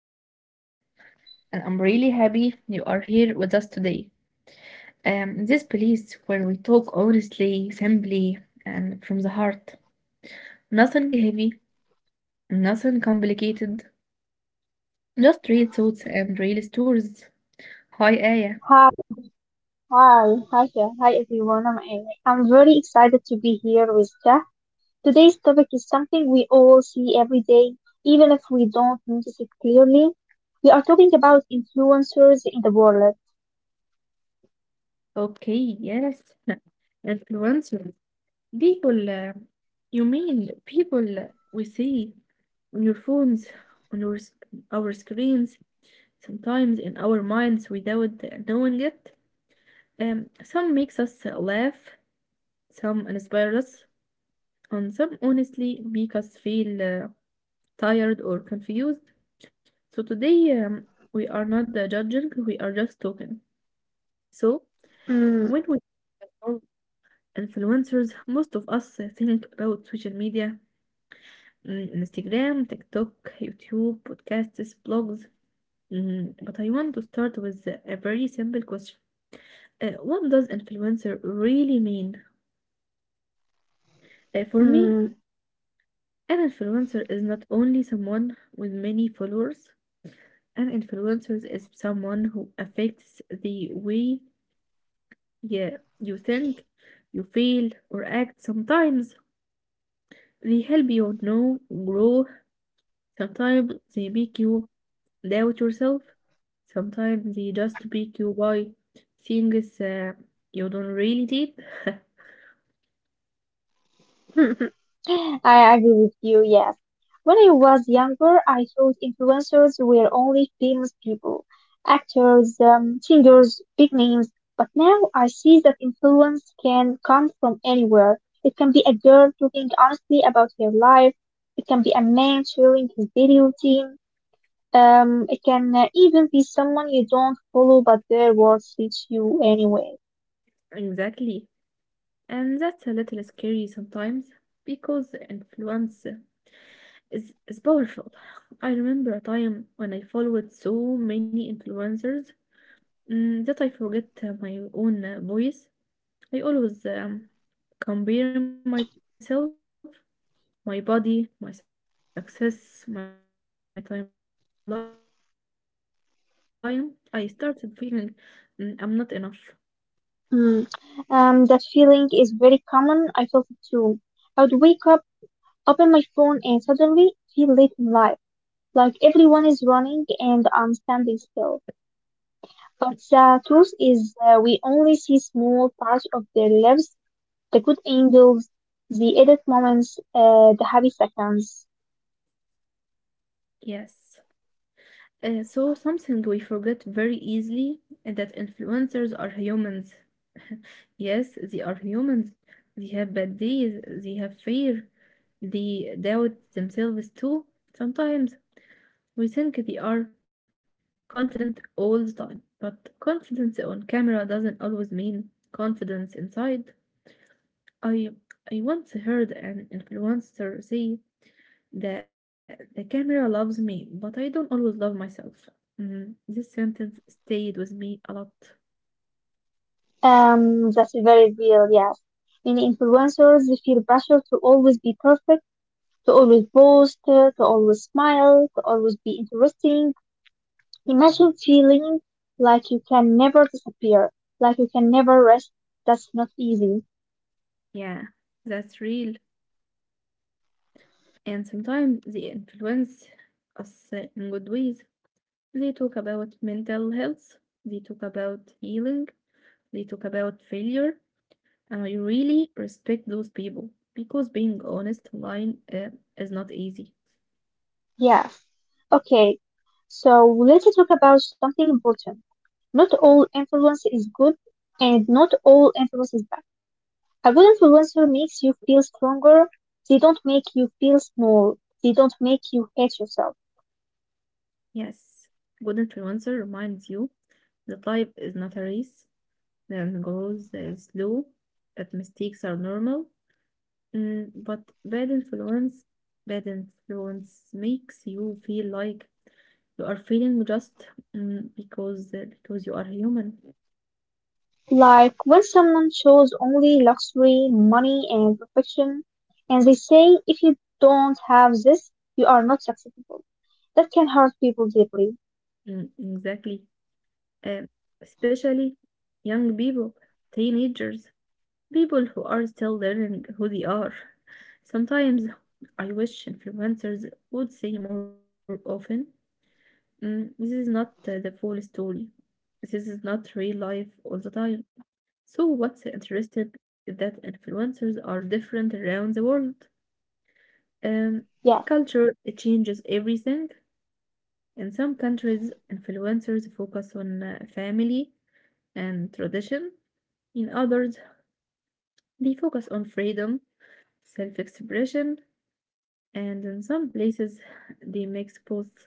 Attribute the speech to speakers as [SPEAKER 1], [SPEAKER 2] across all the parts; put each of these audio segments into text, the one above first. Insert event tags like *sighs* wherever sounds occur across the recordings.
[SPEAKER 1] I'm Shahid, and I'm really happy you are here with us today. In this place where we talk honestly, simply, and from the heart. Nothing heavy, nothing complicated, just real thoughts and real stories. Hi, Aya.
[SPEAKER 2] Hi, ev- hi, hi, there. Hi everyone. I'm Amy. I'm very excited to be here with Jack. Today's topic is something we all see every day, even if we don't notice it clearly. We are talking about influencers in the world.
[SPEAKER 1] Okay, yes. *laughs* Influencers. People, uh, you mean people we see on your phones, on your, s- our screens, sometimes in our minds without knowing it. Some makes us laugh, some inspire us, and some honestly make us feel tired or confused. So today we are not judging, we are just talking. So when
[SPEAKER 2] Mm,
[SPEAKER 1] we are influencers, most of us think about social media, mm, Instagram, TikTok, YouTube, podcasts, blogs. Mm, but I want to start with a very simple question. What does influencer really mean? For me,
[SPEAKER 2] mm.
[SPEAKER 1] an influencer is not only someone with many followers. An influencer is someone who affects the way, yeah, you think, you feel, or act. Sometimes they help, you know, grow. Sometimes they make you doubt yourself. Sometimes they just make you buy things you don't really need. *laughs*
[SPEAKER 2] *laughs* I agree with you, yes. When I was younger, I thought influencers were only famous people, actors, singers, big names. But now I see that influence can come from anywhere. It can be a girl talking honestly about her life. It can be a man sharing his daily routine. It can even be someone you don't follow, but their words reach you anyway.
[SPEAKER 1] Exactly. And that's a little scary sometimes because influence is powerful. I remember a time when I followed so many influencers, mm, that I forget my own voice. I always compare myself, my body, my success, my timeline, and without meaning to, uh, I, just- I started feeling, mm, I'm not enough.
[SPEAKER 2] Mm. That feeling is very common. I felt it too. I would wake up, open my phone, and suddenly feel late in life, like everyone is running and I'm standing still. But the truth is, we only see small parts of their lives, the good angles, the edit moments, the happy seconds.
[SPEAKER 1] Yes. So something we forget very easily is that influencers are humans. *laughs* Yes, they are humans. They have bad days, they have fear, they doubt themselves too. Sometimes we think they are confident all the time, but confidence on camera doesn't always mean confidence inside. I I once heard an influencer say the camera loves me, but I don't always love myself. Mhm. This sentence stayed with me a lot.
[SPEAKER 2] That's very real, yes. Many influencers they feel pressure to always be perfect, to always boast, to always smile, to always be interesting. Imagine feeling like you can never disappear, like you can never rest. That's not easy.
[SPEAKER 1] Yeah, that's real. And sometimes they influence us, in good ways. They talk about mental health, they talk about healing, they talk about failure. And I really respect those people because being honest online is not easy.
[SPEAKER 2] Yes. Okay, so let's talk about something important. Not all influence is good, and not all influence is bad. A good influencer makes you feel stronger. They don't make you feel small. They don't make you hate yourself.
[SPEAKER 1] Yes, good influencer reminds you that life is not a race. Learning goes slow, that mistakes are normal, mm, but bad influence makes you feel like you are feeling just, mm, because you are human.
[SPEAKER 2] Like when someone shows only luxury, money, and perfection, and they say, if you don't have this, you are not successful. That can hurt people deeply.
[SPEAKER 1] Mm, exactly. Um, Especially young people, teenagers, people who are still learning who they are. Sometimes I wish influencers would say more often, mm, this is not the full story. This is not real life all the time. So what's interesting is that influencers are different around the world. Um,
[SPEAKER 2] Yes,
[SPEAKER 1] Culture, it changes everything. In some countries, influencers focus on family and tradition. In others, they focus on freedom, self-expression, and in some places, they mix both.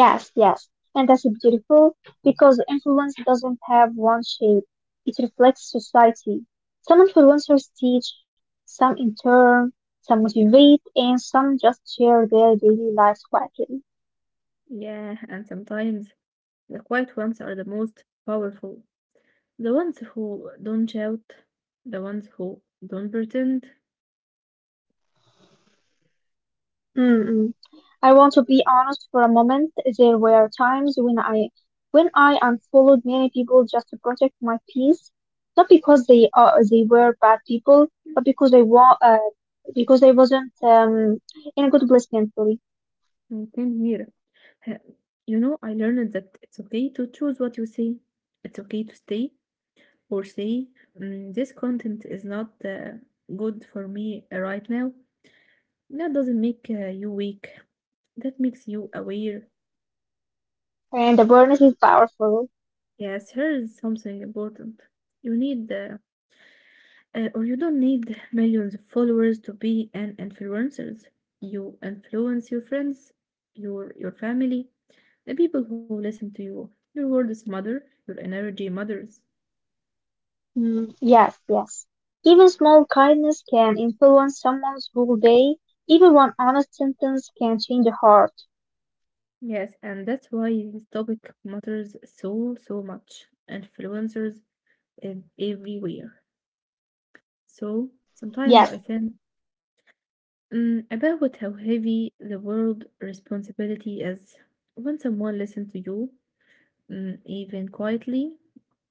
[SPEAKER 2] yes. And that's beautiful because influence doesn't have one shape. It reflects society. Some influencers teach, some intern, some motivate, and some just share their daily lives quietly.
[SPEAKER 1] Yeah, and sometimes the quiet ones are the most powerful. The ones who don't shout, the ones who don't pretend,
[SPEAKER 2] Mm-mm. I want to be honest for a moment. There were times when I unfollowed many people just to protect my peace, not because they were bad people, but because I wasn't in a good place mentally.
[SPEAKER 1] you can hear. Ha- You know, I learned that it's okay to choose what you say. It's okay to stay or say, "Mm, this content is not good for me right now. That doesn't make you weak. That makes you aware.
[SPEAKER 2] And awareness is powerful.
[SPEAKER 1] Yes, here's something important. You need uh, you don't need millions of followers to be an influencer. You influence your friends, your family, the people who listen to you. Your words matter, your energy matters.
[SPEAKER 2] Yes. Even small kindness can influence someone's whole day. Even one honest sentence can change a heart.
[SPEAKER 1] Yes, and that's why this topic matters so much. Influencers everywhere. So sometimes
[SPEAKER 2] Yes,
[SPEAKER 1] I think, mm, about how heavy the world responsibility is. When someone listens to you, mm, even quietly.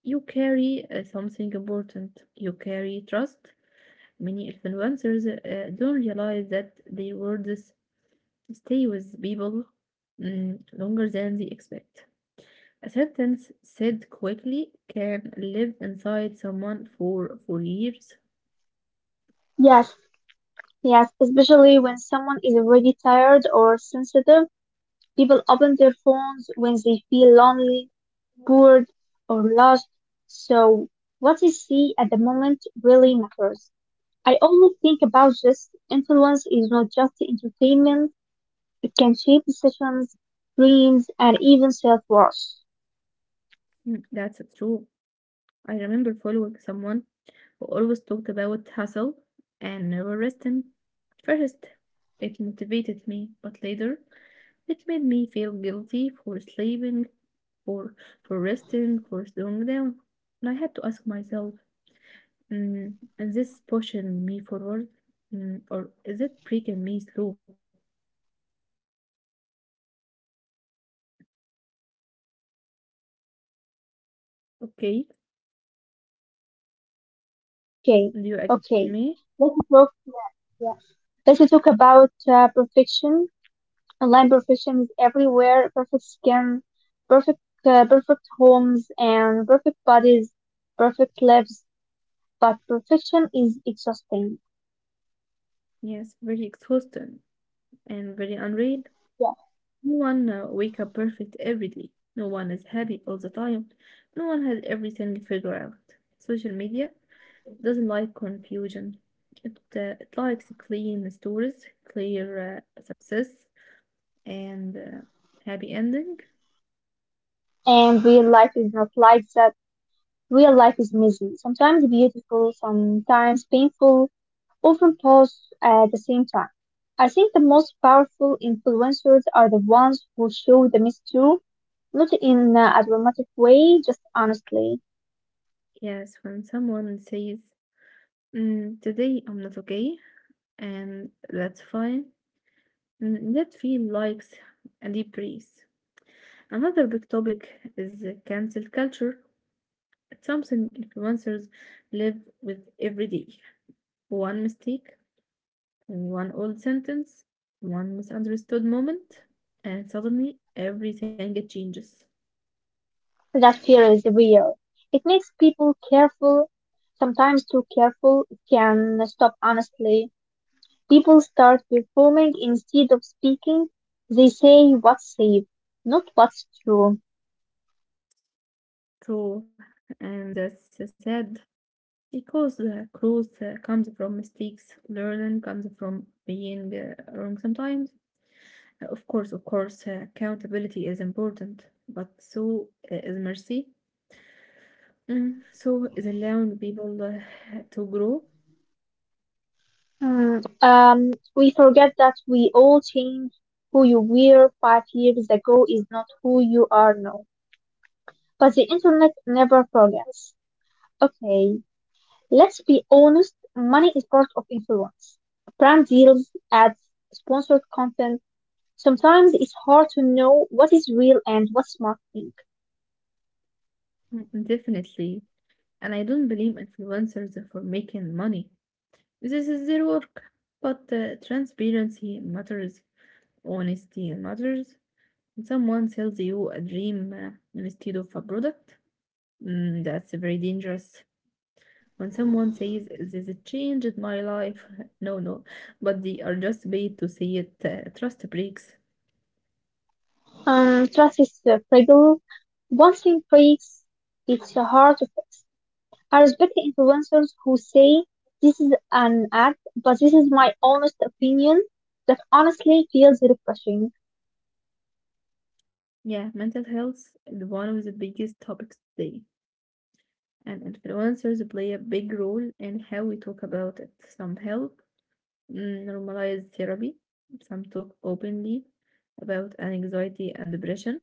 [SPEAKER 1] You carry something important. You carry trust. Many influencers don't realize that their words stay with people, mm, longer than they expect. A sentence said quickly can live inside someone for years.
[SPEAKER 2] yes. Yes, especially when someone is already tired or sensitive, people open their phones when they feel lonely, bored, or lost. So, what they see at the moment really matters. I always think about this influence is not just entertainment, it can shape decisions, dreams, and even self worth.
[SPEAKER 1] Mm, that's true. I remember following someone who always talked about hustle and never resting. At first, it motivated me, but later it made me feel guilty for sleeping, for resting, for slowing down. And I had to ask myself, mm, is this pushing me forward, mm, or is it breaking me through? Okay,
[SPEAKER 2] Okay,
[SPEAKER 1] do you agree with
[SPEAKER 2] okay.
[SPEAKER 1] me?
[SPEAKER 2] Let's talk, yeah. Let's talk about perfection. Online perfection is everywhere. Perfect skin, perfect perfect homes and perfect bodies, perfect lives. But perfection is exhausting.
[SPEAKER 1] Yes, very exhausting and very unreal.
[SPEAKER 2] Yeah.
[SPEAKER 1] No one wake up perfect every day. No one is happy all the time. No one has everything figured out. Social media, it doesn't like confusion. It likes clean stories, clear success, and happy ending.
[SPEAKER 2] And real life is not like that. Real life is messy. Sometimes beautiful, sometimes painful, often both at the same time. I think the most powerful influencers are the ones who show the mess too, not in a dramatic way, just honestly.
[SPEAKER 1] Yes, when someone says, mm, today I'm not okay, and that's fine, mm, that feel likes a deep breath. Another big topic is cancel culture. It's something influencers live with every day. One mistake, and one old sentence, one misunderstood moment, and suddenly everything changes.
[SPEAKER 2] That fear is real. It makes people careful, sometimes too careful. It can stop honestly. People start performing instead of speaking. They say what's safe, not what's true.
[SPEAKER 1] True, and that's sad because growth comes from mistakes, learning comes from being wrong sometimes. Of course, accountability is important, but so is mercy. Mm, so is allowing people to grow.
[SPEAKER 2] Hmm, we forget that we all change. Who you were 5 years ago is not who you are now. But the internet never forgets. Okay, let's be honest. Money is part of influence. Brand deals, ads, sponsored content. Sometimes it's hard to know what is real and what's marketing.
[SPEAKER 1] Mm, definitely. And I don't blame influencers for making money. This is their work. But transparency matters, honesty matters. When someone sells you a dream instead of a product, mm, that's very dangerous. When someone says this changed my life, *laughs* no, no, but they are just paid to say it, trust breaks.
[SPEAKER 2] Trust is fragile. Once it breaks, it's hard to fix. I respect the influencers who say this is an ad, but this is my honest opinion. That honestly feels refreshing.
[SPEAKER 1] Yeah, mental health is one of the biggest topics today, and influencers play a big role in how we talk about it. Some help, mm, normalize therapy. Some talk openly about an anxiety and depression,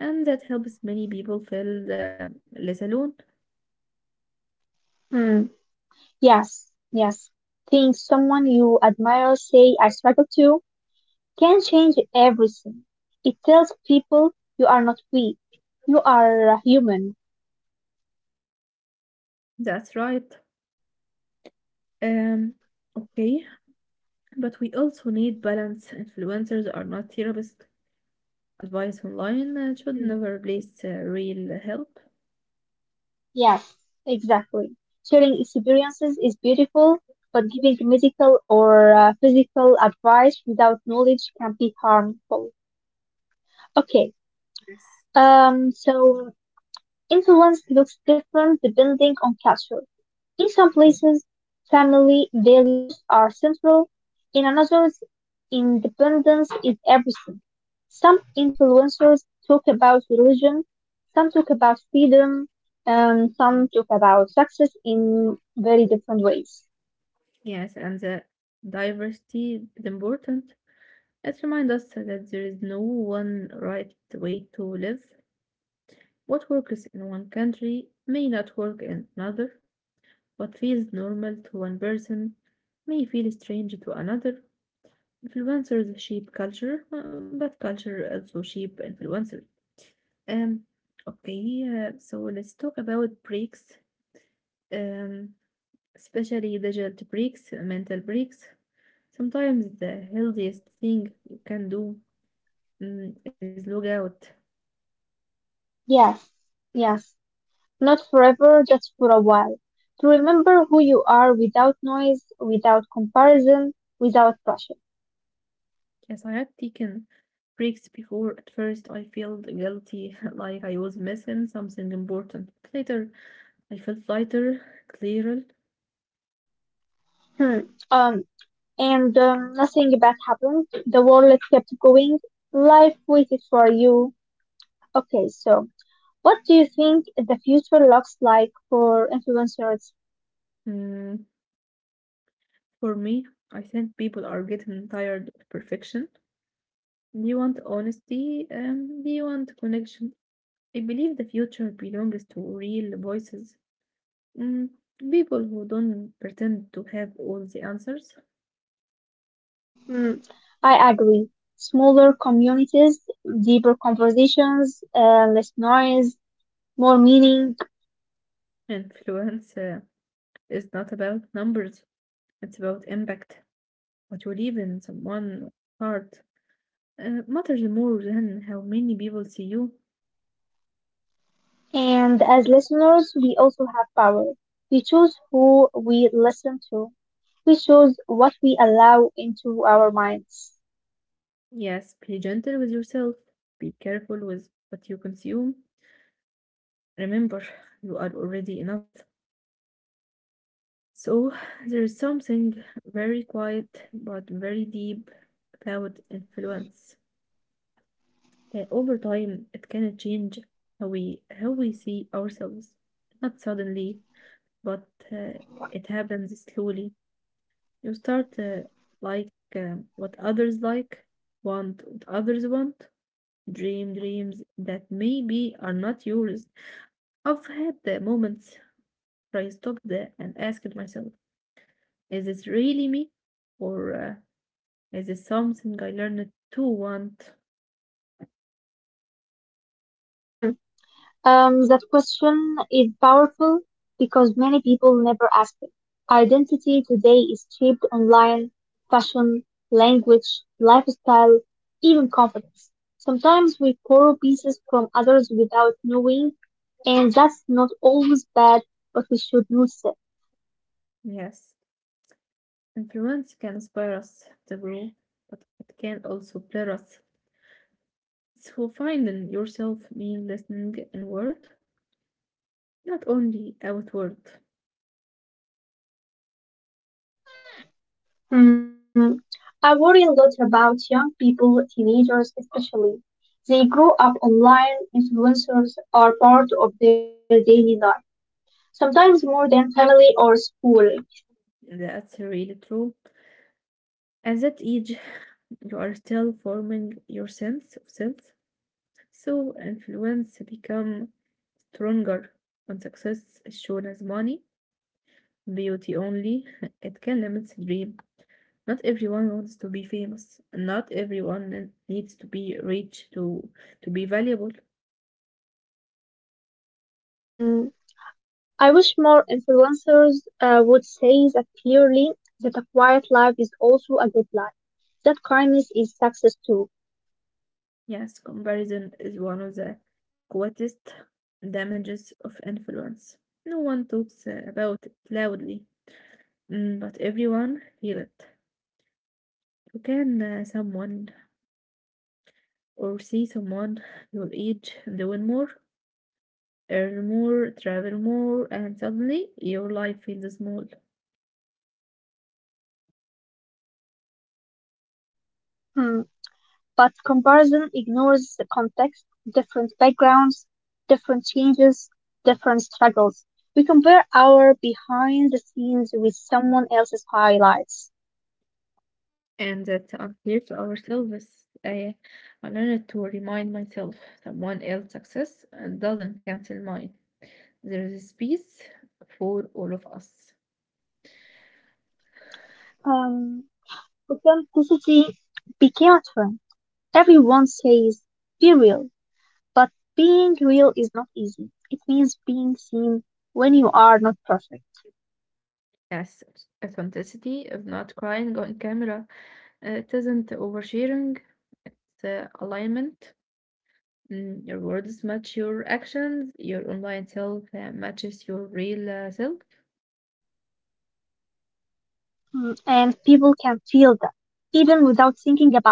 [SPEAKER 1] and that helps many people feel, less alone.
[SPEAKER 2] Hmm. Yes, yes. Think someone you admire say I struggle too can change everything. It tells people you are not weak. You are human.
[SPEAKER 1] That's right. Um, okay, but we also need balance. Influencers are not therapists. Advice online should
[SPEAKER 2] Hmm.
[SPEAKER 1] never replace real help.
[SPEAKER 2] Yes, exactly. Sharing experiences is beautiful, but giving medical or physical advice without knowledge can be harmful. Okay,
[SPEAKER 1] Yes.
[SPEAKER 2] so influence looks different depending on culture. In some places, family values are central; in others, independence is everything. Some influencers talk about religion, some talk about freedom, and some talk about success in very different ways.
[SPEAKER 1] Yes, and the diversity is important. It reminds us that there is no one right way to live. What works in one country may not work in another. What feels normal to one person may feel strange to another. Influencers shape culture, but culture also shape influencers. Um, okay, so let's talk about breaks, um, especially digital breaks, mental breaks. Sometimes the healthiest thing you can do, mm, is log out.
[SPEAKER 2] Yes, yes. Not forever, just for a while. To remember who you are without noise, without comparison, without pressure.
[SPEAKER 1] Yes, I have taken breaks before. At first, I felt guilty, *laughs* like I was missing something important. Later, I felt lighter, clearer.
[SPEAKER 2] Hmm. Um, and nothing bad happened. The world kept going. Life waited for you. Okay, so what do you think the future looks like for influencers?
[SPEAKER 1] Mm, for me, I think people are getting tired of perfection. They want honesty, they want connection. I believe the future belongs to real voices, mm, people who don't pretend to have all the answers.
[SPEAKER 2] Hmm, I agree. Smaller communities, deeper conversations, less noise, more meaning.
[SPEAKER 1] Influence, is not about numbers, it's about impact. What you leave in someone's heart matters more than how many people see you.
[SPEAKER 2] And as listeners, we also have power. We choose who we listen to. We choose what we allow into our minds.
[SPEAKER 1] Yes, be gentle with yourself. Be careful with what you consume. Remember, *laughs* you are already enough. So, *sighs* there is something very quiet but very deep about influence. Over time, it can change how we see ourselves. Not suddenly, but it happens slowly. You start like what others like, want what others want, dream dreams that maybe are not yours. I've had the moments where I stopped there and asked myself, is this really me? Or is this something I learned to want?
[SPEAKER 2] That question is powerful because many people never ask it. Identity today is shaped online, fashion, language, lifestyle, even confidence. Sometimes we borrow pieces from others without knowing, and that's not always bad, but we should notice it.
[SPEAKER 1] Yes, influence can inspire us to grow, but it can also blur us. So finding yourself means listening inward, not only outward.
[SPEAKER 2] Hmm. I worry a lot about young people, teenagers especially. They grow up online, influencers are part of their daily life, sometimes more than family or school.
[SPEAKER 1] That's really true. At that age, you are still forming your sense of self, so influence become stronger. When success is shown as money, beauty only, *laughs* it can limit the dream. Not everyone wants to be famous. Not everyone needs to be rich to be valuable.
[SPEAKER 2] Mm, I wish more influencers would say that clearly, that a quiet life is also a good life, that kindness is success too.
[SPEAKER 1] Yes, comparison is one of the greatest damages of influence. No one talks about it loudly, mm, but everyone feel it. Can someone or see someone your age doing more, earn more, travel more, and suddenly your life feels small,
[SPEAKER 2] Mm, but comparison ignores the context, different backgrounds, different changes, different struggles. We compare our behind the scenes with someone else's highlights.
[SPEAKER 1] and that's unfair to ourselves. I learned to remind myself that one else's success doesn't cancel mine. There is space for all of us.
[SPEAKER 2] Um, authenticity became a trend. Everyone says, be real. But being real is not easy. It means being seen when you are not perfect.
[SPEAKER 1] Yes, authenticity is not crying on camera. It isn't oversharing. It's alignment. Mm, your words match your actions, your online self matches your real self.
[SPEAKER 2] Mm, and people can feel that, even without thinking about it.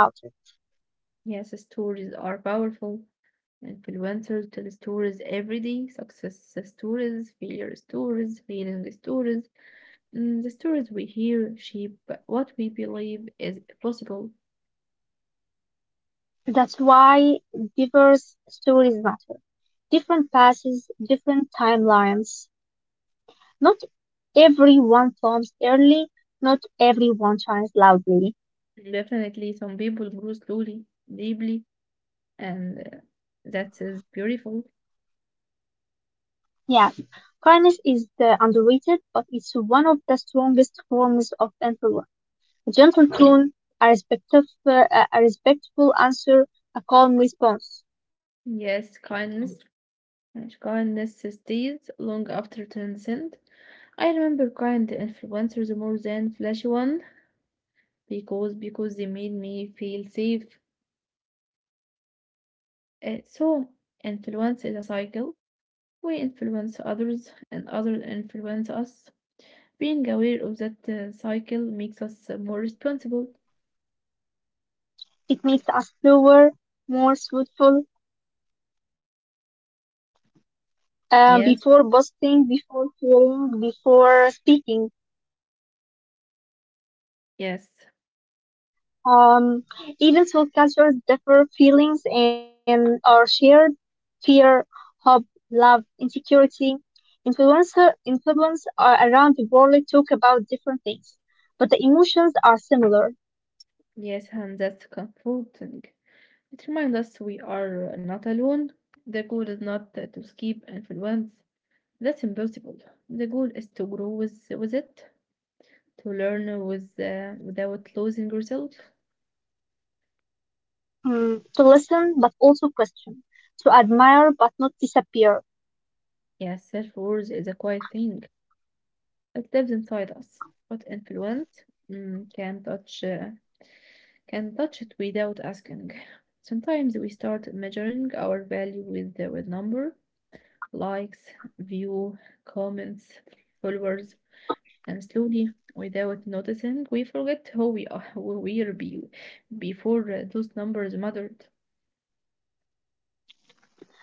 [SPEAKER 1] Yes, stories are powerful. Influencers tell stories every day, success stories, failure stories, failing stories. Mm, the stories we hear shape what we believe is possible.
[SPEAKER 2] That's why diverse stories matter. Different paths, different timelines. Not everyone forms early, not everyone shines loudly.
[SPEAKER 1] Definitely, some people grow slowly, deeply, and that is beautiful.
[SPEAKER 2] Yes, kindness is the underrated, but it's one of the strongest forms of influence. A gentle tone, a respectful a respectful answer, a calm response.
[SPEAKER 1] Yes, kindness. Kindness stays long after transcend. I remember kind the influencers more than flashy one because they made me feel safe. So influence is a cycle. We influence others and others influence us. Being aware of that cycle makes us more responsible.
[SPEAKER 2] It makes us slower, more thoughtful
[SPEAKER 1] Yes,
[SPEAKER 2] before boasting, before sharing, before speaking.
[SPEAKER 1] yes,
[SPEAKER 2] Um, even though cultures differ, feelings and are shared. Fear, hope, love, insecurity, influence are around the world talk about different things, but the emotions are similar.
[SPEAKER 1] yes, and that's comforting. It reminds us we are not alone. The goal is not to escape influence. That's impossible. The goal is to grow with it. To learn with, without losing yourself.
[SPEAKER 2] Mm, to listen but also question, to admire but not disappear.
[SPEAKER 1] Yeah, self-worth is a quiet thing. It lives inside us, but
[SPEAKER 2] Yeah.
[SPEAKER 1] influence mm, can touch uh, can touch it without asking. Sometimes we start measuring our value with the, with number, likes, view, comments, followers, and slowly, without noticing, we forget who we are, *laughs* who we are be, before those numbers mattered.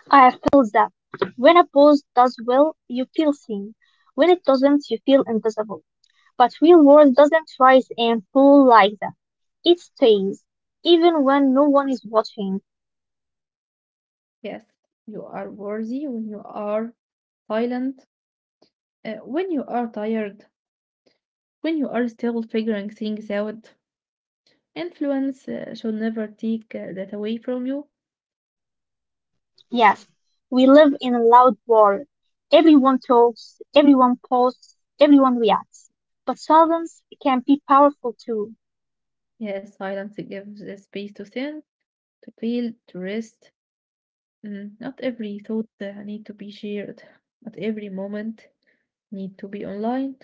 [SPEAKER 2] I feel that when a pose does well, you feel seen. When it doesn't, you feel invisible. But real world doesn't rise and fall like that. It stays, even when no one is watching.
[SPEAKER 1] Yes, you are worthy when you are silent. When you are tired, when you are still figuring things out, influence should never take that away from you.
[SPEAKER 2] Yes, we live in a loud world. Everyone talks, everyone posts, everyone reacts. But silence can be powerful too.
[SPEAKER 1] Yes, silence gives the space to think, to feel, to rest. Mm, not every thought need to be shared. Not every moment need to be online.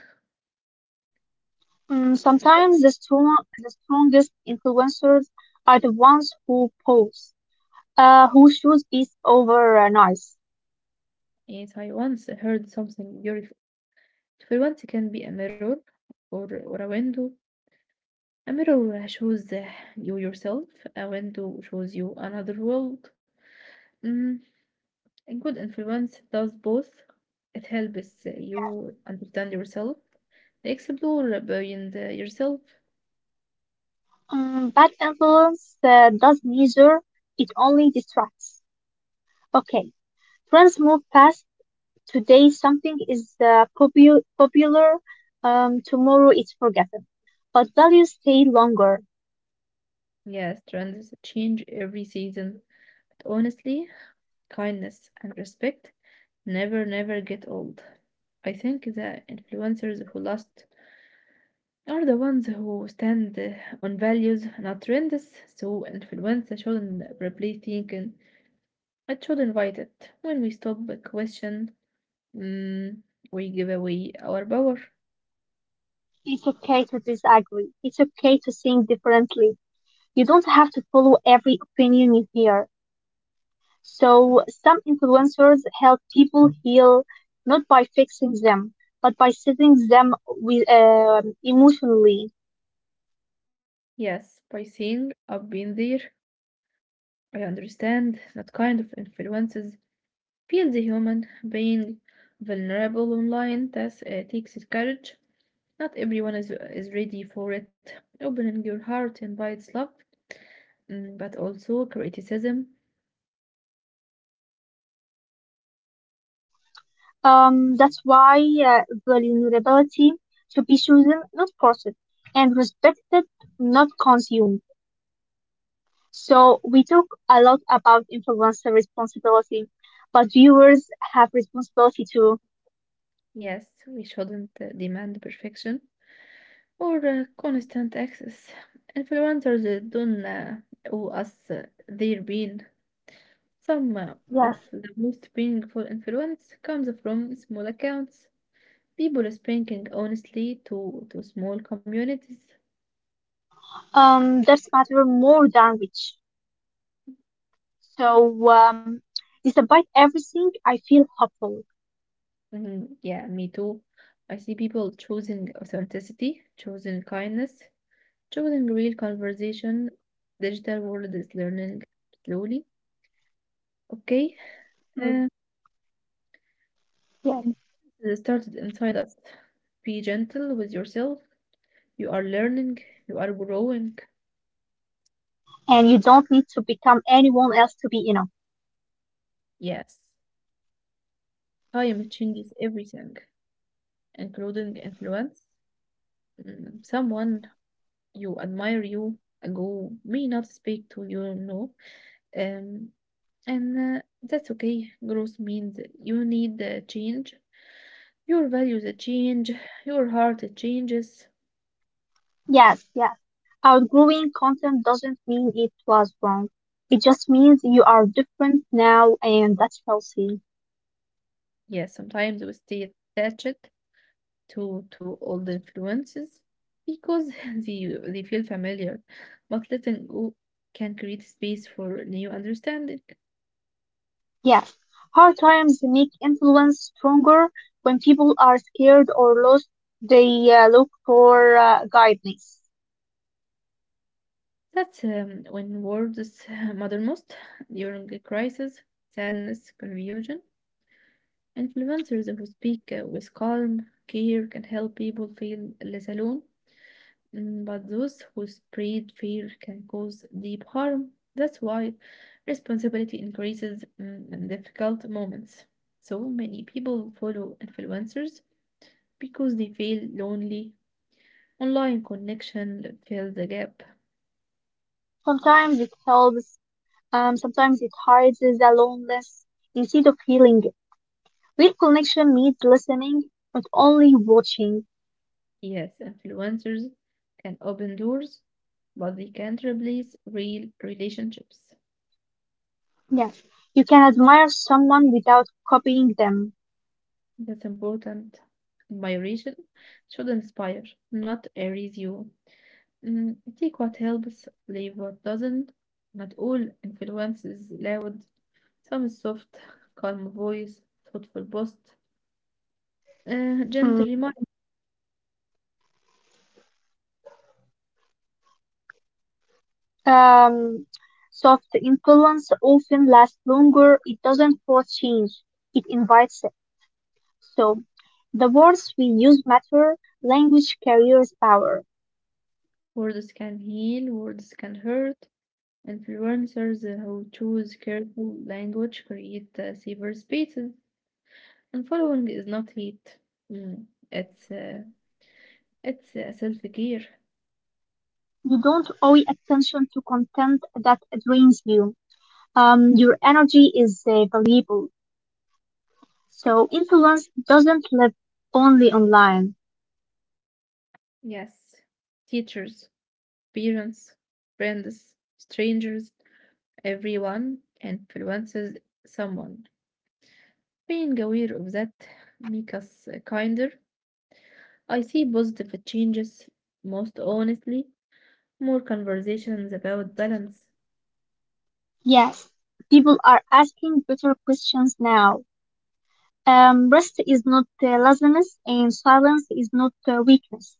[SPEAKER 2] Sometimes the strongest influencers are the ones who pose, who choose peace over noise.
[SPEAKER 1] Yes, I once heard something beautiful. Influence can be a mirror or a window. A mirror shows you yourself. A window shows you another world. Mm, a good influence does both. It helps
[SPEAKER 2] Yes.
[SPEAKER 1] you understand yourself, explore beyond yourself.
[SPEAKER 2] Bad influence does neither. It only distracts. Okay. Trends move fast. Today something is popular. Tomorrow it's forgotten. But values stay longer.
[SPEAKER 1] Yes, trends change every season. But honestly, kindness and respect never get old. I think the influencers who last are the ones who stand on values, not trends. So influence shouldn't replace thinking. It should invite it. When we stop a question, mm, we give away our power.
[SPEAKER 2] It's okay to disagree. It's okay to think differently. You don't have to follow every opinion you hear. So some influencers help people heal not by fixing them, but by sitting them with, emotionally.
[SPEAKER 1] Yes, by saying I've been there, I understand that kind of influences feel the human. Being vulnerable online that takes courage. Not everyone is ready for it. Opening your heart invites love, mm, but also criticism.
[SPEAKER 2] That's why vulnerability should be chosen, not forced, and respected, not consumed. So we talk a lot about influencer responsibility, but viewers have responsibility too.
[SPEAKER 1] Yes, we shouldn't demand perfection or constant access. Influencers don't owe us their being. Some
[SPEAKER 2] Yes.
[SPEAKER 1] of the most painful influence comes from small accounts, people speaking honestly to small communities.
[SPEAKER 2] That's matter more than reach. So despite everything, I feel hopeful.
[SPEAKER 1] Mhm. Yeah, me too. I see people choosing authenticity, choosing kindness, choosing real conversation. Digital world is learning slowly. Okay, uh,
[SPEAKER 2] Mm,
[SPEAKER 1] and
[SPEAKER 2] yes.
[SPEAKER 1] it started inside us. Be gentle with yourself. You are learning. You are growing.
[SPEAKER 2] And you don't need to become anyone else to be enough.
[SPEAKER 1] Yes, time changes everything, including influence. Mm, someone you admire, you who may not speak to you, no. Um, and that's okay. Growth means you need change. Your values change. Your heart changes.
[SPEAKER 2] Yes. Outgrowing content doesn't mean it was wrong. It just means you are different now and that's healthy.
[SPEAKER 1] Yes, sometimes we stay attached to old influences because *laughs* they feel familiar, but letting go can create space for new understanding.
[SPEAKER 2] Yes. Hard times make influence stronger when people are scared or lost. They look for guidance.
[SPEAKER 1] That's when words is *laughs* mothermost during a crisis, sadness, confusion. Influencers who speak with calm care can help people feel less alone. Mm, but those who spread fear can cause deep harm. That's why responsibility increases mm, in difficult moments. So many people follow influencers because they feel lonely. Online connection fills the gap.
[SPEAKER 2] Sometimes it helps, sometimes it hides the loneliness instead of healing it. Real connection needs listening, not only watching.
[SPEAKER 1] Yes, influencers can open doors, but they can't replace real relationships.
[SPEAKER 2] Yes, you can admire someone without copying them.
[SPEAKER 1] That's important. Admiration should inspire, not erase you. Mm, take what helps, leave what doesn't. Not all influence is loud. Some is soft, *laughs* calm voice, thoughtful post. Gentle
[SPEAKER 2] Mm.
[SPEAKER 1] reminder.
[SPEAKER 2] Um, soft influence often lasts longer. It doesn't force change, it invites it. So, the words we use matter. Language carries power.
[SPEAKER 1] Words can heal, words can hurt. Influencers who choose careful language create safer spaces. Unfollowing is not hate. Mm, It's uh, it's self-care.
[SPEAKER 2] You don't owe attention to content that drains you. Your energy is valuable. So, influence doesn't live only online.
[SPEAKER 1] Yes, teachers, parents, friends, strangers, everyone influences someone. Being aware of that make us kinder. I see positive changes most honestly. More conversations about balance.
[SPEAKER 2] Yes, people are asking better questions now. Rest is not laziness, and silence is not weakness.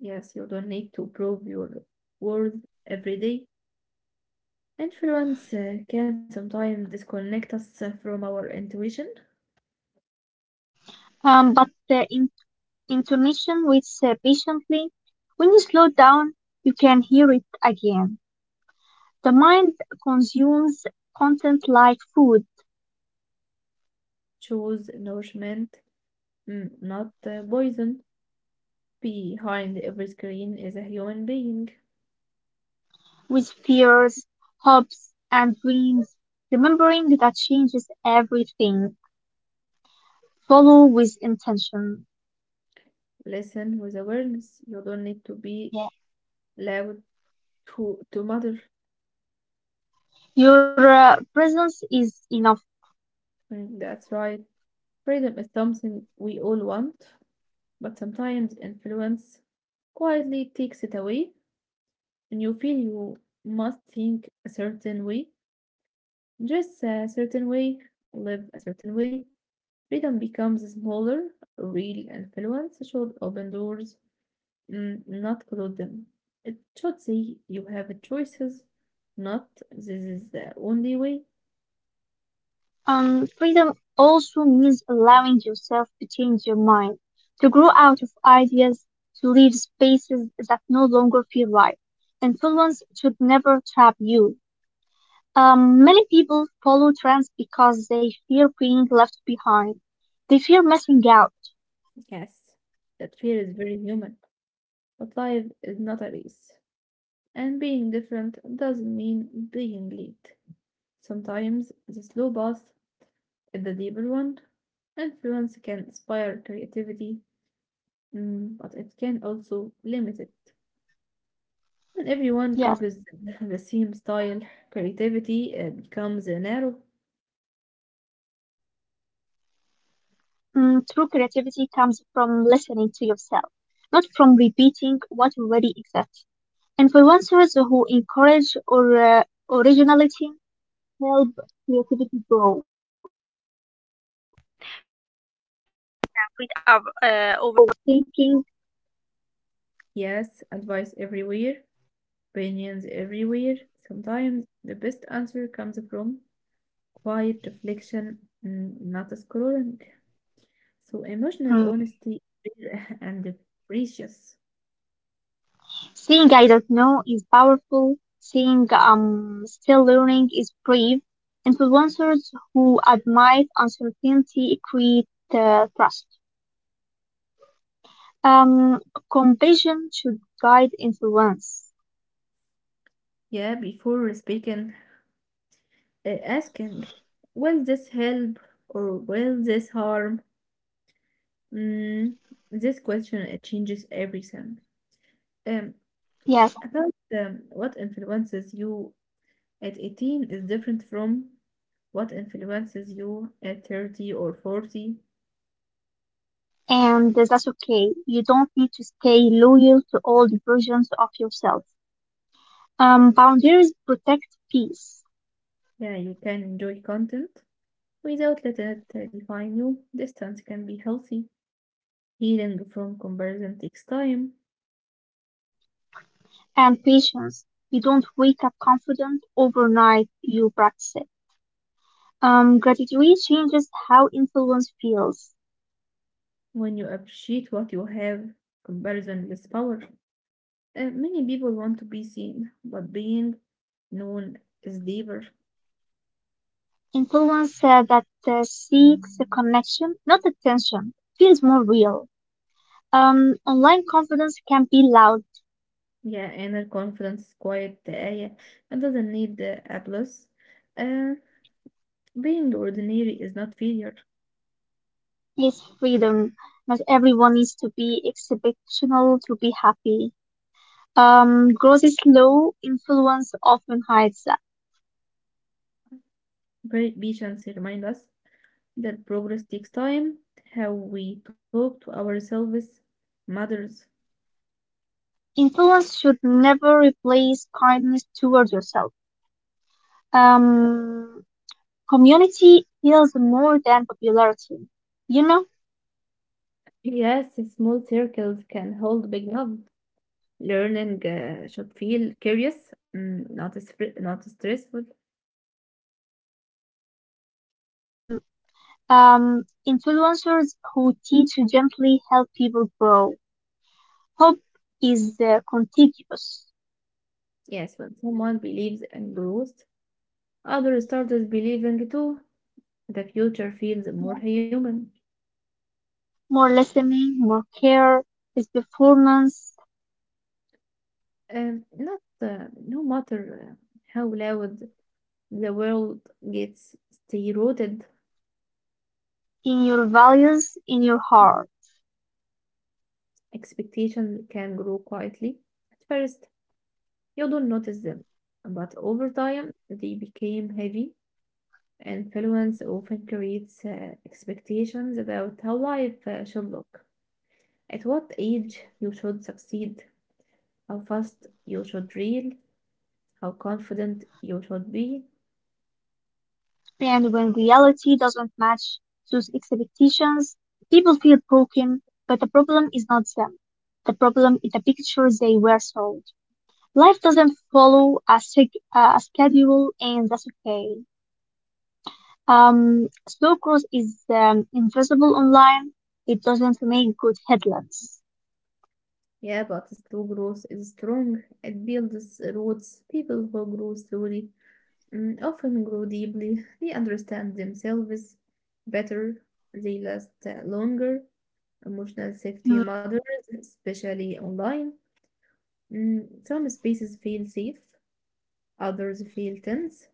[SPEAKER 1] Yes, you don't need to prove your worth every day. Influence can sometimes disconnect us from our intuition.
[SPEAKER 2] But in- intonation waits patiently. When you slow down, you can hear it again. The mind consumes content like food,
[SPEAKER 1] Choose nourishment, mm, not poison. Behind every screen is a human being.
[SPEAKER 2] with fears, hopes, and dreams. Remembering that changes everything. Follow with intention.
[SPEAKER 1] Listen with awareness. You don't need to be
[SPEAKER 2] Yeah.
[SPEAKER 1] loud to matter.
[SPEAKER 2] Your presence is enough.
[SPEAKER 1] Mm, that's right. Freedom is something we all want, but sometimes influence quietly takes it away, and you feel you must think a certain way, dress a certain way, live a certain way. Freedom becomes smaller, real and influence should open doors, not close them. It should say you have choices, not this is the only way.
[SPEAKER 2] Freedom also means allowing yourself to change your mind, to grow out of ideas, to leave spaces that no longer feel right. Influence should never trap you. Many people follow trends because they fear being left behind. They fear missing out.
[SPEAKER 1] Yes. That fear is very human, but life is not a race. And being different doesn't mean being late. Sometimes the slow path is the deeper one. Influence can inspire creativity, mm, but it can also limit it. When everyone copies *laughs* the same
[SPEAKER 2] Yes,
[SPEAKER 1] style, creativity becomes narrow.
[SPEAKER 2] true creativity comes from listening to yourself, not from repeating what already exists. Influencers who encourage or originality help creativity grow. Rid of overthinking.
[SPEAKER 1] Yes, advice everywhere, opinions everywhere. Sometimes the best answer comes from quiet reflection, mm, not scrolling. So emotional
[SPEAKER 2] Mm.
[SPEAKER 1] honesty is rare *laughs* and precious.
[SPEAKER 2] Saying I don't know is powerful. Saying I'm still learning is brave. Influencers who admire uncertainty create trust. Um, compassion should guide influence.
[SPEAKER 1] Yeah, before speaking, asking, will this help or will this harm? Mm, this question it changes everything. Um,
[SPEAKER 2] Yes,
[SPEAKER 1] About what influences you at 18 is different from what influences you at 30 or 40.
[SPEAKER 2] and that's okay. You don't need to stay loyal to old versions of yourself. Boundaries protect peace.
[SPEAKER 1] Yeah, you can enjoy content without letting it define you. Distance can be healthy. Healing from comparison takes time.
[SPEAKER 2] And patience. You don't wake up confident overnight, you practice it. Gratitude changes how influence feels.
[SPEAKER 1] When you appreciate what you have, comparison is power. Many people want to be seen, but being known is deeper.
[SPEAKER 2] Influence that seeks a connection, not attention, feels more real. Online confidence can be loud,
[SPEAKER 1] Yeah, inner confidence is quite the area. It doesn't need applause. Uh, being ordinary is not failure.
[SPEAKER 2] is freedom. Not everyone needs to be exceptional to be happy. Growth is slow, influence often hides that.
[SPEAKER 1] Very Patience remind us that progress takes time. How we talk to ourselves matters.
[SPEAKER 2] Influence should never replace kindness toward yourself. Um, Community heals more than popularity. You know,
[SPEAKER 1] Yes, small circles can hold big love. Learning should feel curious, mm, not not stressful.
[SPEAKER 2] influencers who teach gently help people grow. Hope is contagious.
[SPEAKER 1] Yes, when someone believes and grows, others start as believing too. The future feels more human.
[SPEAKER 2] More listening, more care, is performance
[SPEAKER 1] Not no matter how loud the world gets, the rooted.
[SPEAKER 2] in your values, in your heart.
[SPEAKER 1] Expectation can grow quietly. At first, you don't notice them, but over time, they became heavy. Influence often creates expectations about how life should look, at what age you should succeed, how fast you should reel, how confident you should be.
[SPEAKER 2] And when reality doesn't match those expectations, people feel broken, but the problem is not them. The problem is the picture they were sold. Life doesn't follow a, a schedule, and that's okay. Slow growth is invisible online. It doesn't make good headlines.
[SPEAKER 1] Yeah, but true growth is strong. It builds roots. People who grow slowly mm, often grow deeply. They understand themselves better. They last longer. Emotional safety
[SPEAKER 2] Mm,
[SPEAKER 1] matters, especially online. Mm, some spaces feel safe, others feel tense.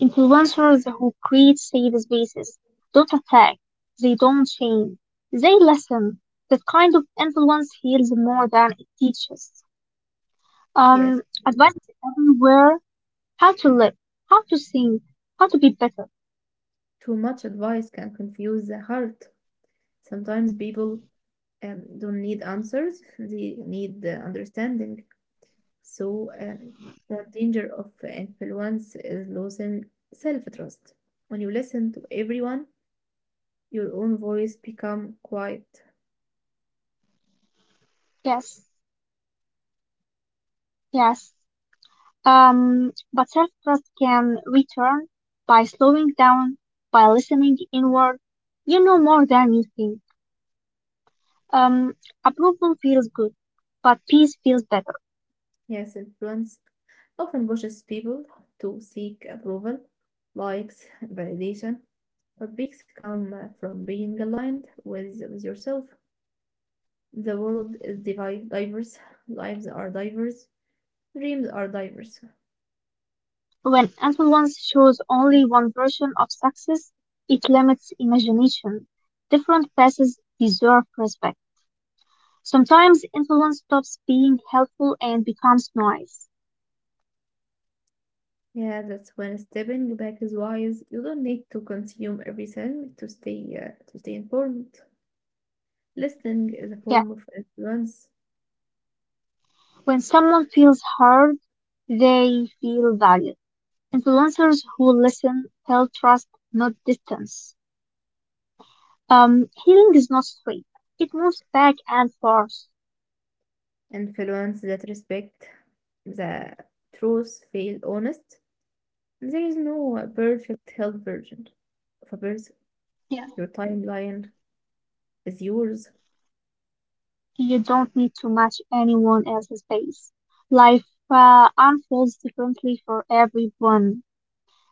[SPEAKER 2] influencers who create safe spaces don't attack. They don't shame. They listen. That kind of influence heals more than it teaches.
[SPEAKER 1] Yes,
[SPEAKER 2] Advice is everywhere. How to live, how to think, how to be better.
[SPEAKER 1] too much advice can confuse the heart. Sometimes people don't need answers, they need understanding. So the danger of influence is losing self trust. When you listen to everyone, your own voice become quiet.
[SPEAKER 2] Yes, yes. But self-trust can return by slowing down, by listening inward. You know more than you think. Um, Approval feels good, but peace feels better.
[SPEAKER 1] Yes, influence often pushes people to seek approval, likes, validation, but peaks come from being aligned with yourself. The world is diverse, lives are diverse, dreams are diverse.
[SPEAKER 2] When influence shows only one version of success, it limits imagination. Different paths deserve respect. Sometimes influence stops being helpful and becomes noise.
[SPEAKER 1] Yeah, that's when stepping back is wise. You don't need to consume everything to stay informed. Listening is a
[SPEAKER 2] Yeah,
[SPEAKER 1] form of influence,
[SPEAKER 2] when someone feels heard, they feel valued. Influencers who listen tell trust, not distance. Healing is not straight. It moves back and forth.
[SPEAKER 1] influence that respect the truth, feel honest. There is no perfect health version of a person.
[SPEAKER 2] Yeah.
[SPEAKER 1] Your timeline is yours.
[SPEAKER 2] You don't need to match anyone else's pace. Life unfolds differently for everyone.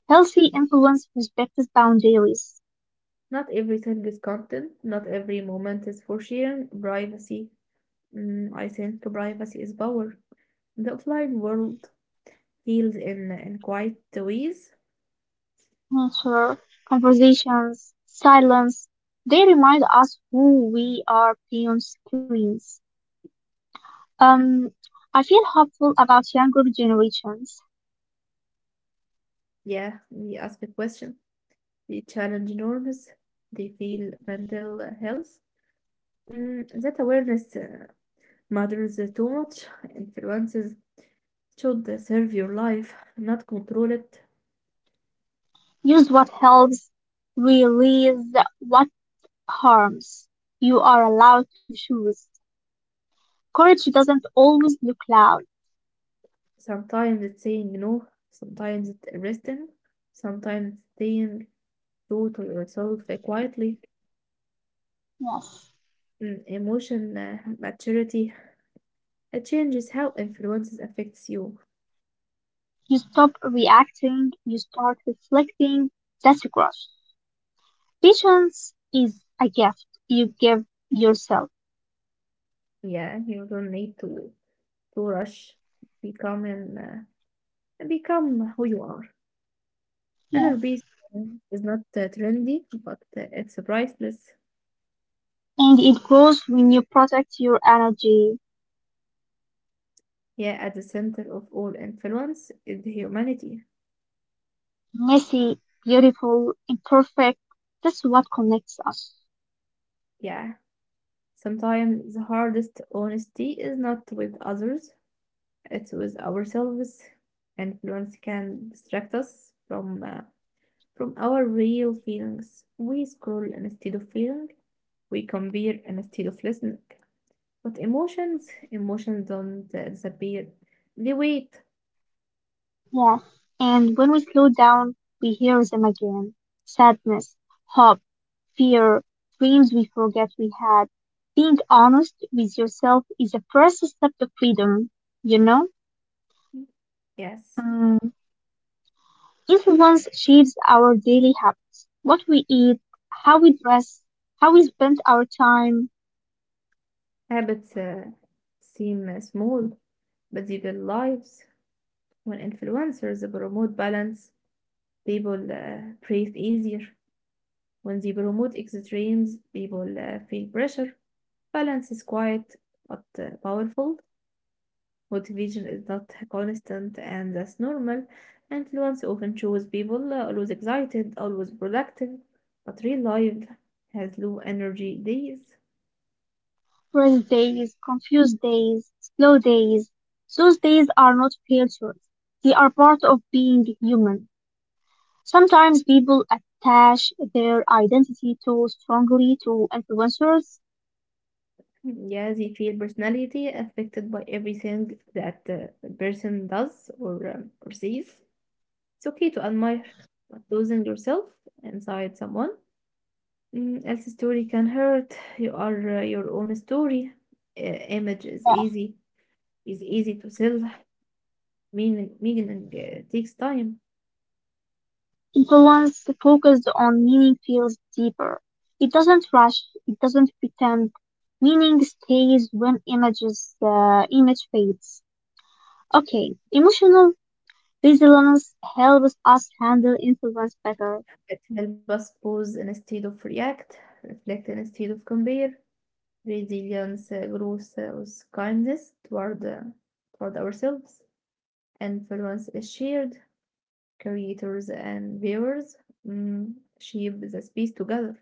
[SPEAKER 2] Healthy influence respects boundaries,
[SPEAKER 1] Not everything is content. Not every moment is for sharing. Privacy. Mm, I think privacy is power. The offline world, heals in quiet ways.
[SPEAKER 2] nature, conversations, silence. They remind us who we are beyond screens. Um, I feel hopeful about younger generations.
[SPEAKER 1] Yeah, we ask the question. They challenge norms. They feel mental health. Mm, that awareness matters too much. Influences should serve your life, not control it.
[SPEAKER 2] Use what helps, release what harms. You are allowed to choose. Courage doesn't always look loud.
[SPEAKER 1] Sometimes it's saying no, sometimes it's resting, sometimes staying. Totally, yourself quietly.
[SPEAKER 2] Yes.
[SPEAKER 1] Mm, emotion maturity. It changes how influences affects you.
[SPEAKER 2] You stop reacting, you start reflecting. That's growth. Patience is a gift you give yourself.
[SPEAKER 1] Yeah, you don't need to rush. Become and become who you are.
[SPEAKER 2] Yes.
[SPEAKER 1] Inner peace is not trendy, but it's priceless.
[SPEAKER 2] And it grows when you protect your energy.
[SPEAKER 1] Yeah, at the center of all influence is the humanity.
[SPEAKER 2] Messy, beautiful, imperfect. That's what connects us.
[SPEAKER 1] Yeah, sometimes the hardest honesty is not with others; it's with ourselves. Influence can distract us from our real feelings. We scroll instead of feeling, we compare instead of listening. But emotions don't disappear. They wait.
[SPEAKER 2] Yes, and when we slow down, we hear them again. Sadness, hope, fear, dreams we forget we had. Being honest with yourself is the first step to freedom, you know?
[SPEAKER 1] Yes,
[SPEAKER 2] Mm. Influence shapes our daily habits, what we eat, how we dress, how we spend our time,
[SPEAKER 1] habits seem small, but they build lives. When influencers promote balance, people breathe easier. When they promote extremes, people feel pressure. Balance is quiet but powerful. Motivation is not constant, and that's normal. Influence often shows people always excited, always productive, but real life has low energy days.
[SPEAKER 2] rest days, confused days, slow days. Those days are not failures. They are part of being human. Sometimes people attach their identity too strongly to influencers.
[SPEAKER 1] Yeah, they feel personality affected by everything that the person does or says. It's okay to admire, but losing yourself inside someone mm, else's story can hurt. You are your own story. Image
[SPEAKER 2] Uh,
[SPEAKER 1] is easy to sell. Meaning takes time.
[SPEAKER 2] Influence focused on meaning feels deeper. It doesn't rush, it doesn't pretend. Meaning stays when images image fades. Okay, emotional resilience helps us handle influence better.
[SPEAKER 1] It helps us pause instead of react, reflect instead of compare. Resilience grows with kindness toward ourselves. Influence is shared. Creators and viewers mm, shape the space together.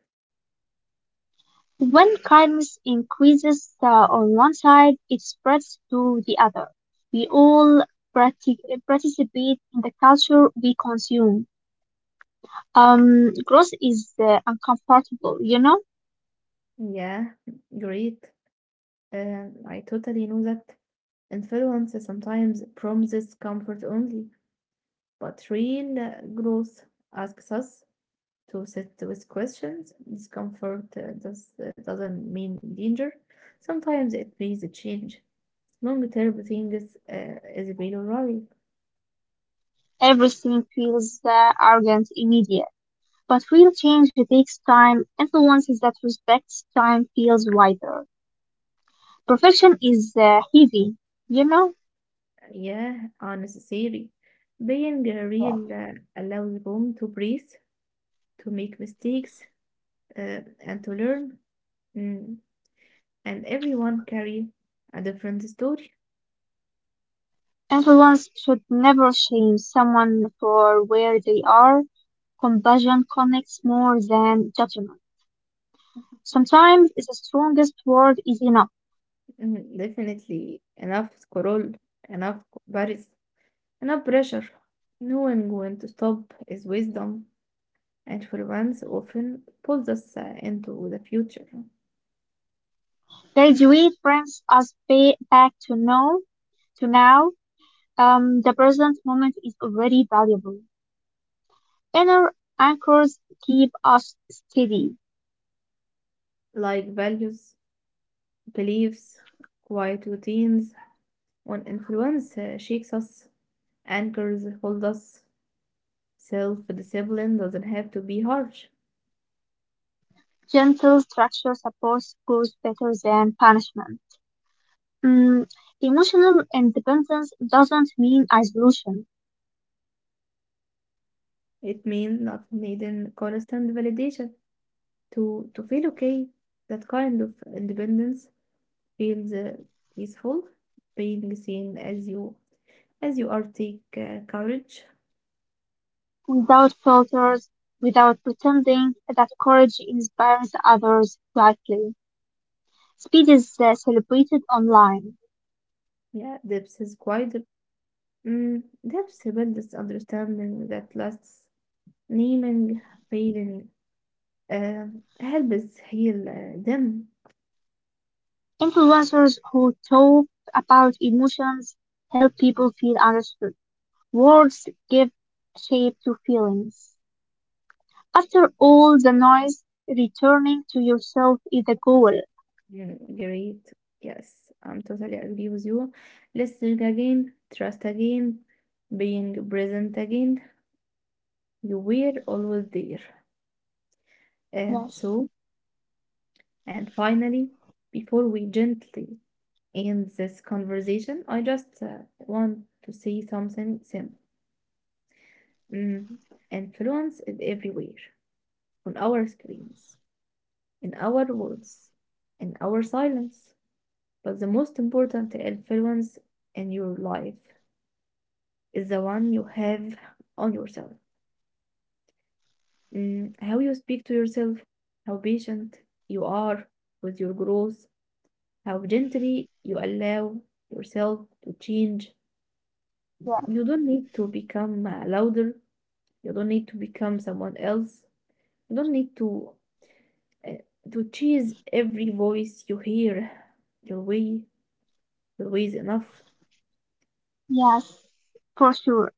[SPEAKER 2] When kindness increases on one side, it spreads to the other. We all participate in the culture we consume. Growth is uncomfortable.
[SPEAKER 1] Yeah, great. I totally know that influence sometimes promises comfort only, but real growth asks us to sit with questions. Discomfort doesn't mean danger. Sometimes it means a change. Long term things is being right.
[SPEAKER 2] Everything feels arrogant, immediate. But real change takes time. Influences that respects time feels wider. Perfection is heavy, you know?
[SPEAKER 1] Yeah, are necessary. Being real allows room to breathe, to make mistakes, and to learn. Mm, and everyone carry a different story.
[SPEAKER 2] Everyone should never shame someone for where they are. Compassion connects more than judgment. Sometimes the strongest word is enough.
[SPEAKER 1] Mm, definitely enough scroll, enough comparison, enough pressure. Knowing when to stop is wisdom. And influence often pulls us into the future,
[SPEAKER 2] Graduate brings us back to know, to now. The present moment is already valuable. Inner anchors keep us steady.
[SPEAKER 1] like values, beliefs, quiet routines. When influence shakes us, anchors hold us. Self discipline doesn't have to be harsh.
[SPEAKER 2] Gentle structure supports growth better than punishment. Mm, emotional independence doesn't mean isolation.
[SPEAKER 1] It means not needing constant validation to feel okay. That kind of independence feels peaceful, being seen as you are take courage.
[SPEAKER 2] Without filters, without pretending that courage inspires others quietly. Speed is celebrated online.
[SPEAKER 1] Yeah, depth is quite. Mm, there's a built understanding that lasts. Naming, feeling, uh, helps heal them.
[SPEAKER 2] Influencers who talk about emotions help people feel understood. Words give shape to feelings. After all the noise, returning to yourself is the goal.
[SPEAKER 1] Mm, great. Yes, I'm totally agree with you. Listening again, trust again, being present again. You were always there. And
[SPEAKER 2] Yes,
[SPEAKER 1] so, and finally, before we gently end this conversation, I just want to say something simple. Mm, influence is everywhere on our screens, in our words, in our silence. But the most important influence in your life is the one you have on yourself. Mm, how you speak to yourself, how patient you are with your growth, how gently you allow yourself to change.
[SPEAKER 2] yes,
[SPEAKER 1] You don't need to become louder. You don't need to become someone else. You don't need uh, to chase every voice you hear your way. Louise enough.
[SPEAKER 2] yes, for sure.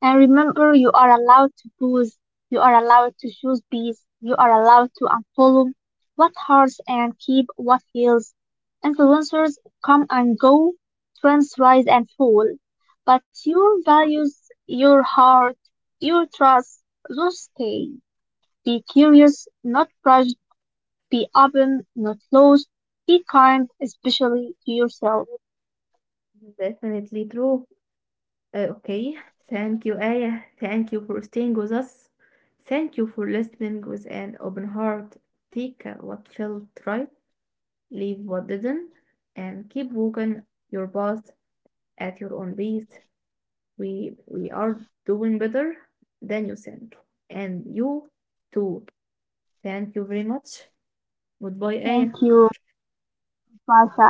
[SPEAKER 2] And remember, you are allowed to pause. You are allowed to choose peace. You are allowed to unfollow what hurts and keep what heals. Influencers come and go, trends rise and fall. But your values, your heart, your trust, those stay. Be curious, not rushed. Be open, not closed. Be kind, especially to yourself.
[SPEAKER 1] Definitely true. Okay. Thank you, Aya. Thank you for staying with us. Thank you for listening with an open heart. Take what felt right, leave what didn't, and keep walking your path at your own pace. We are doing better than you think, and you too. Thank you very much. Goodbye, Aya.
[SPEAKER 2] Thank you, Rafa.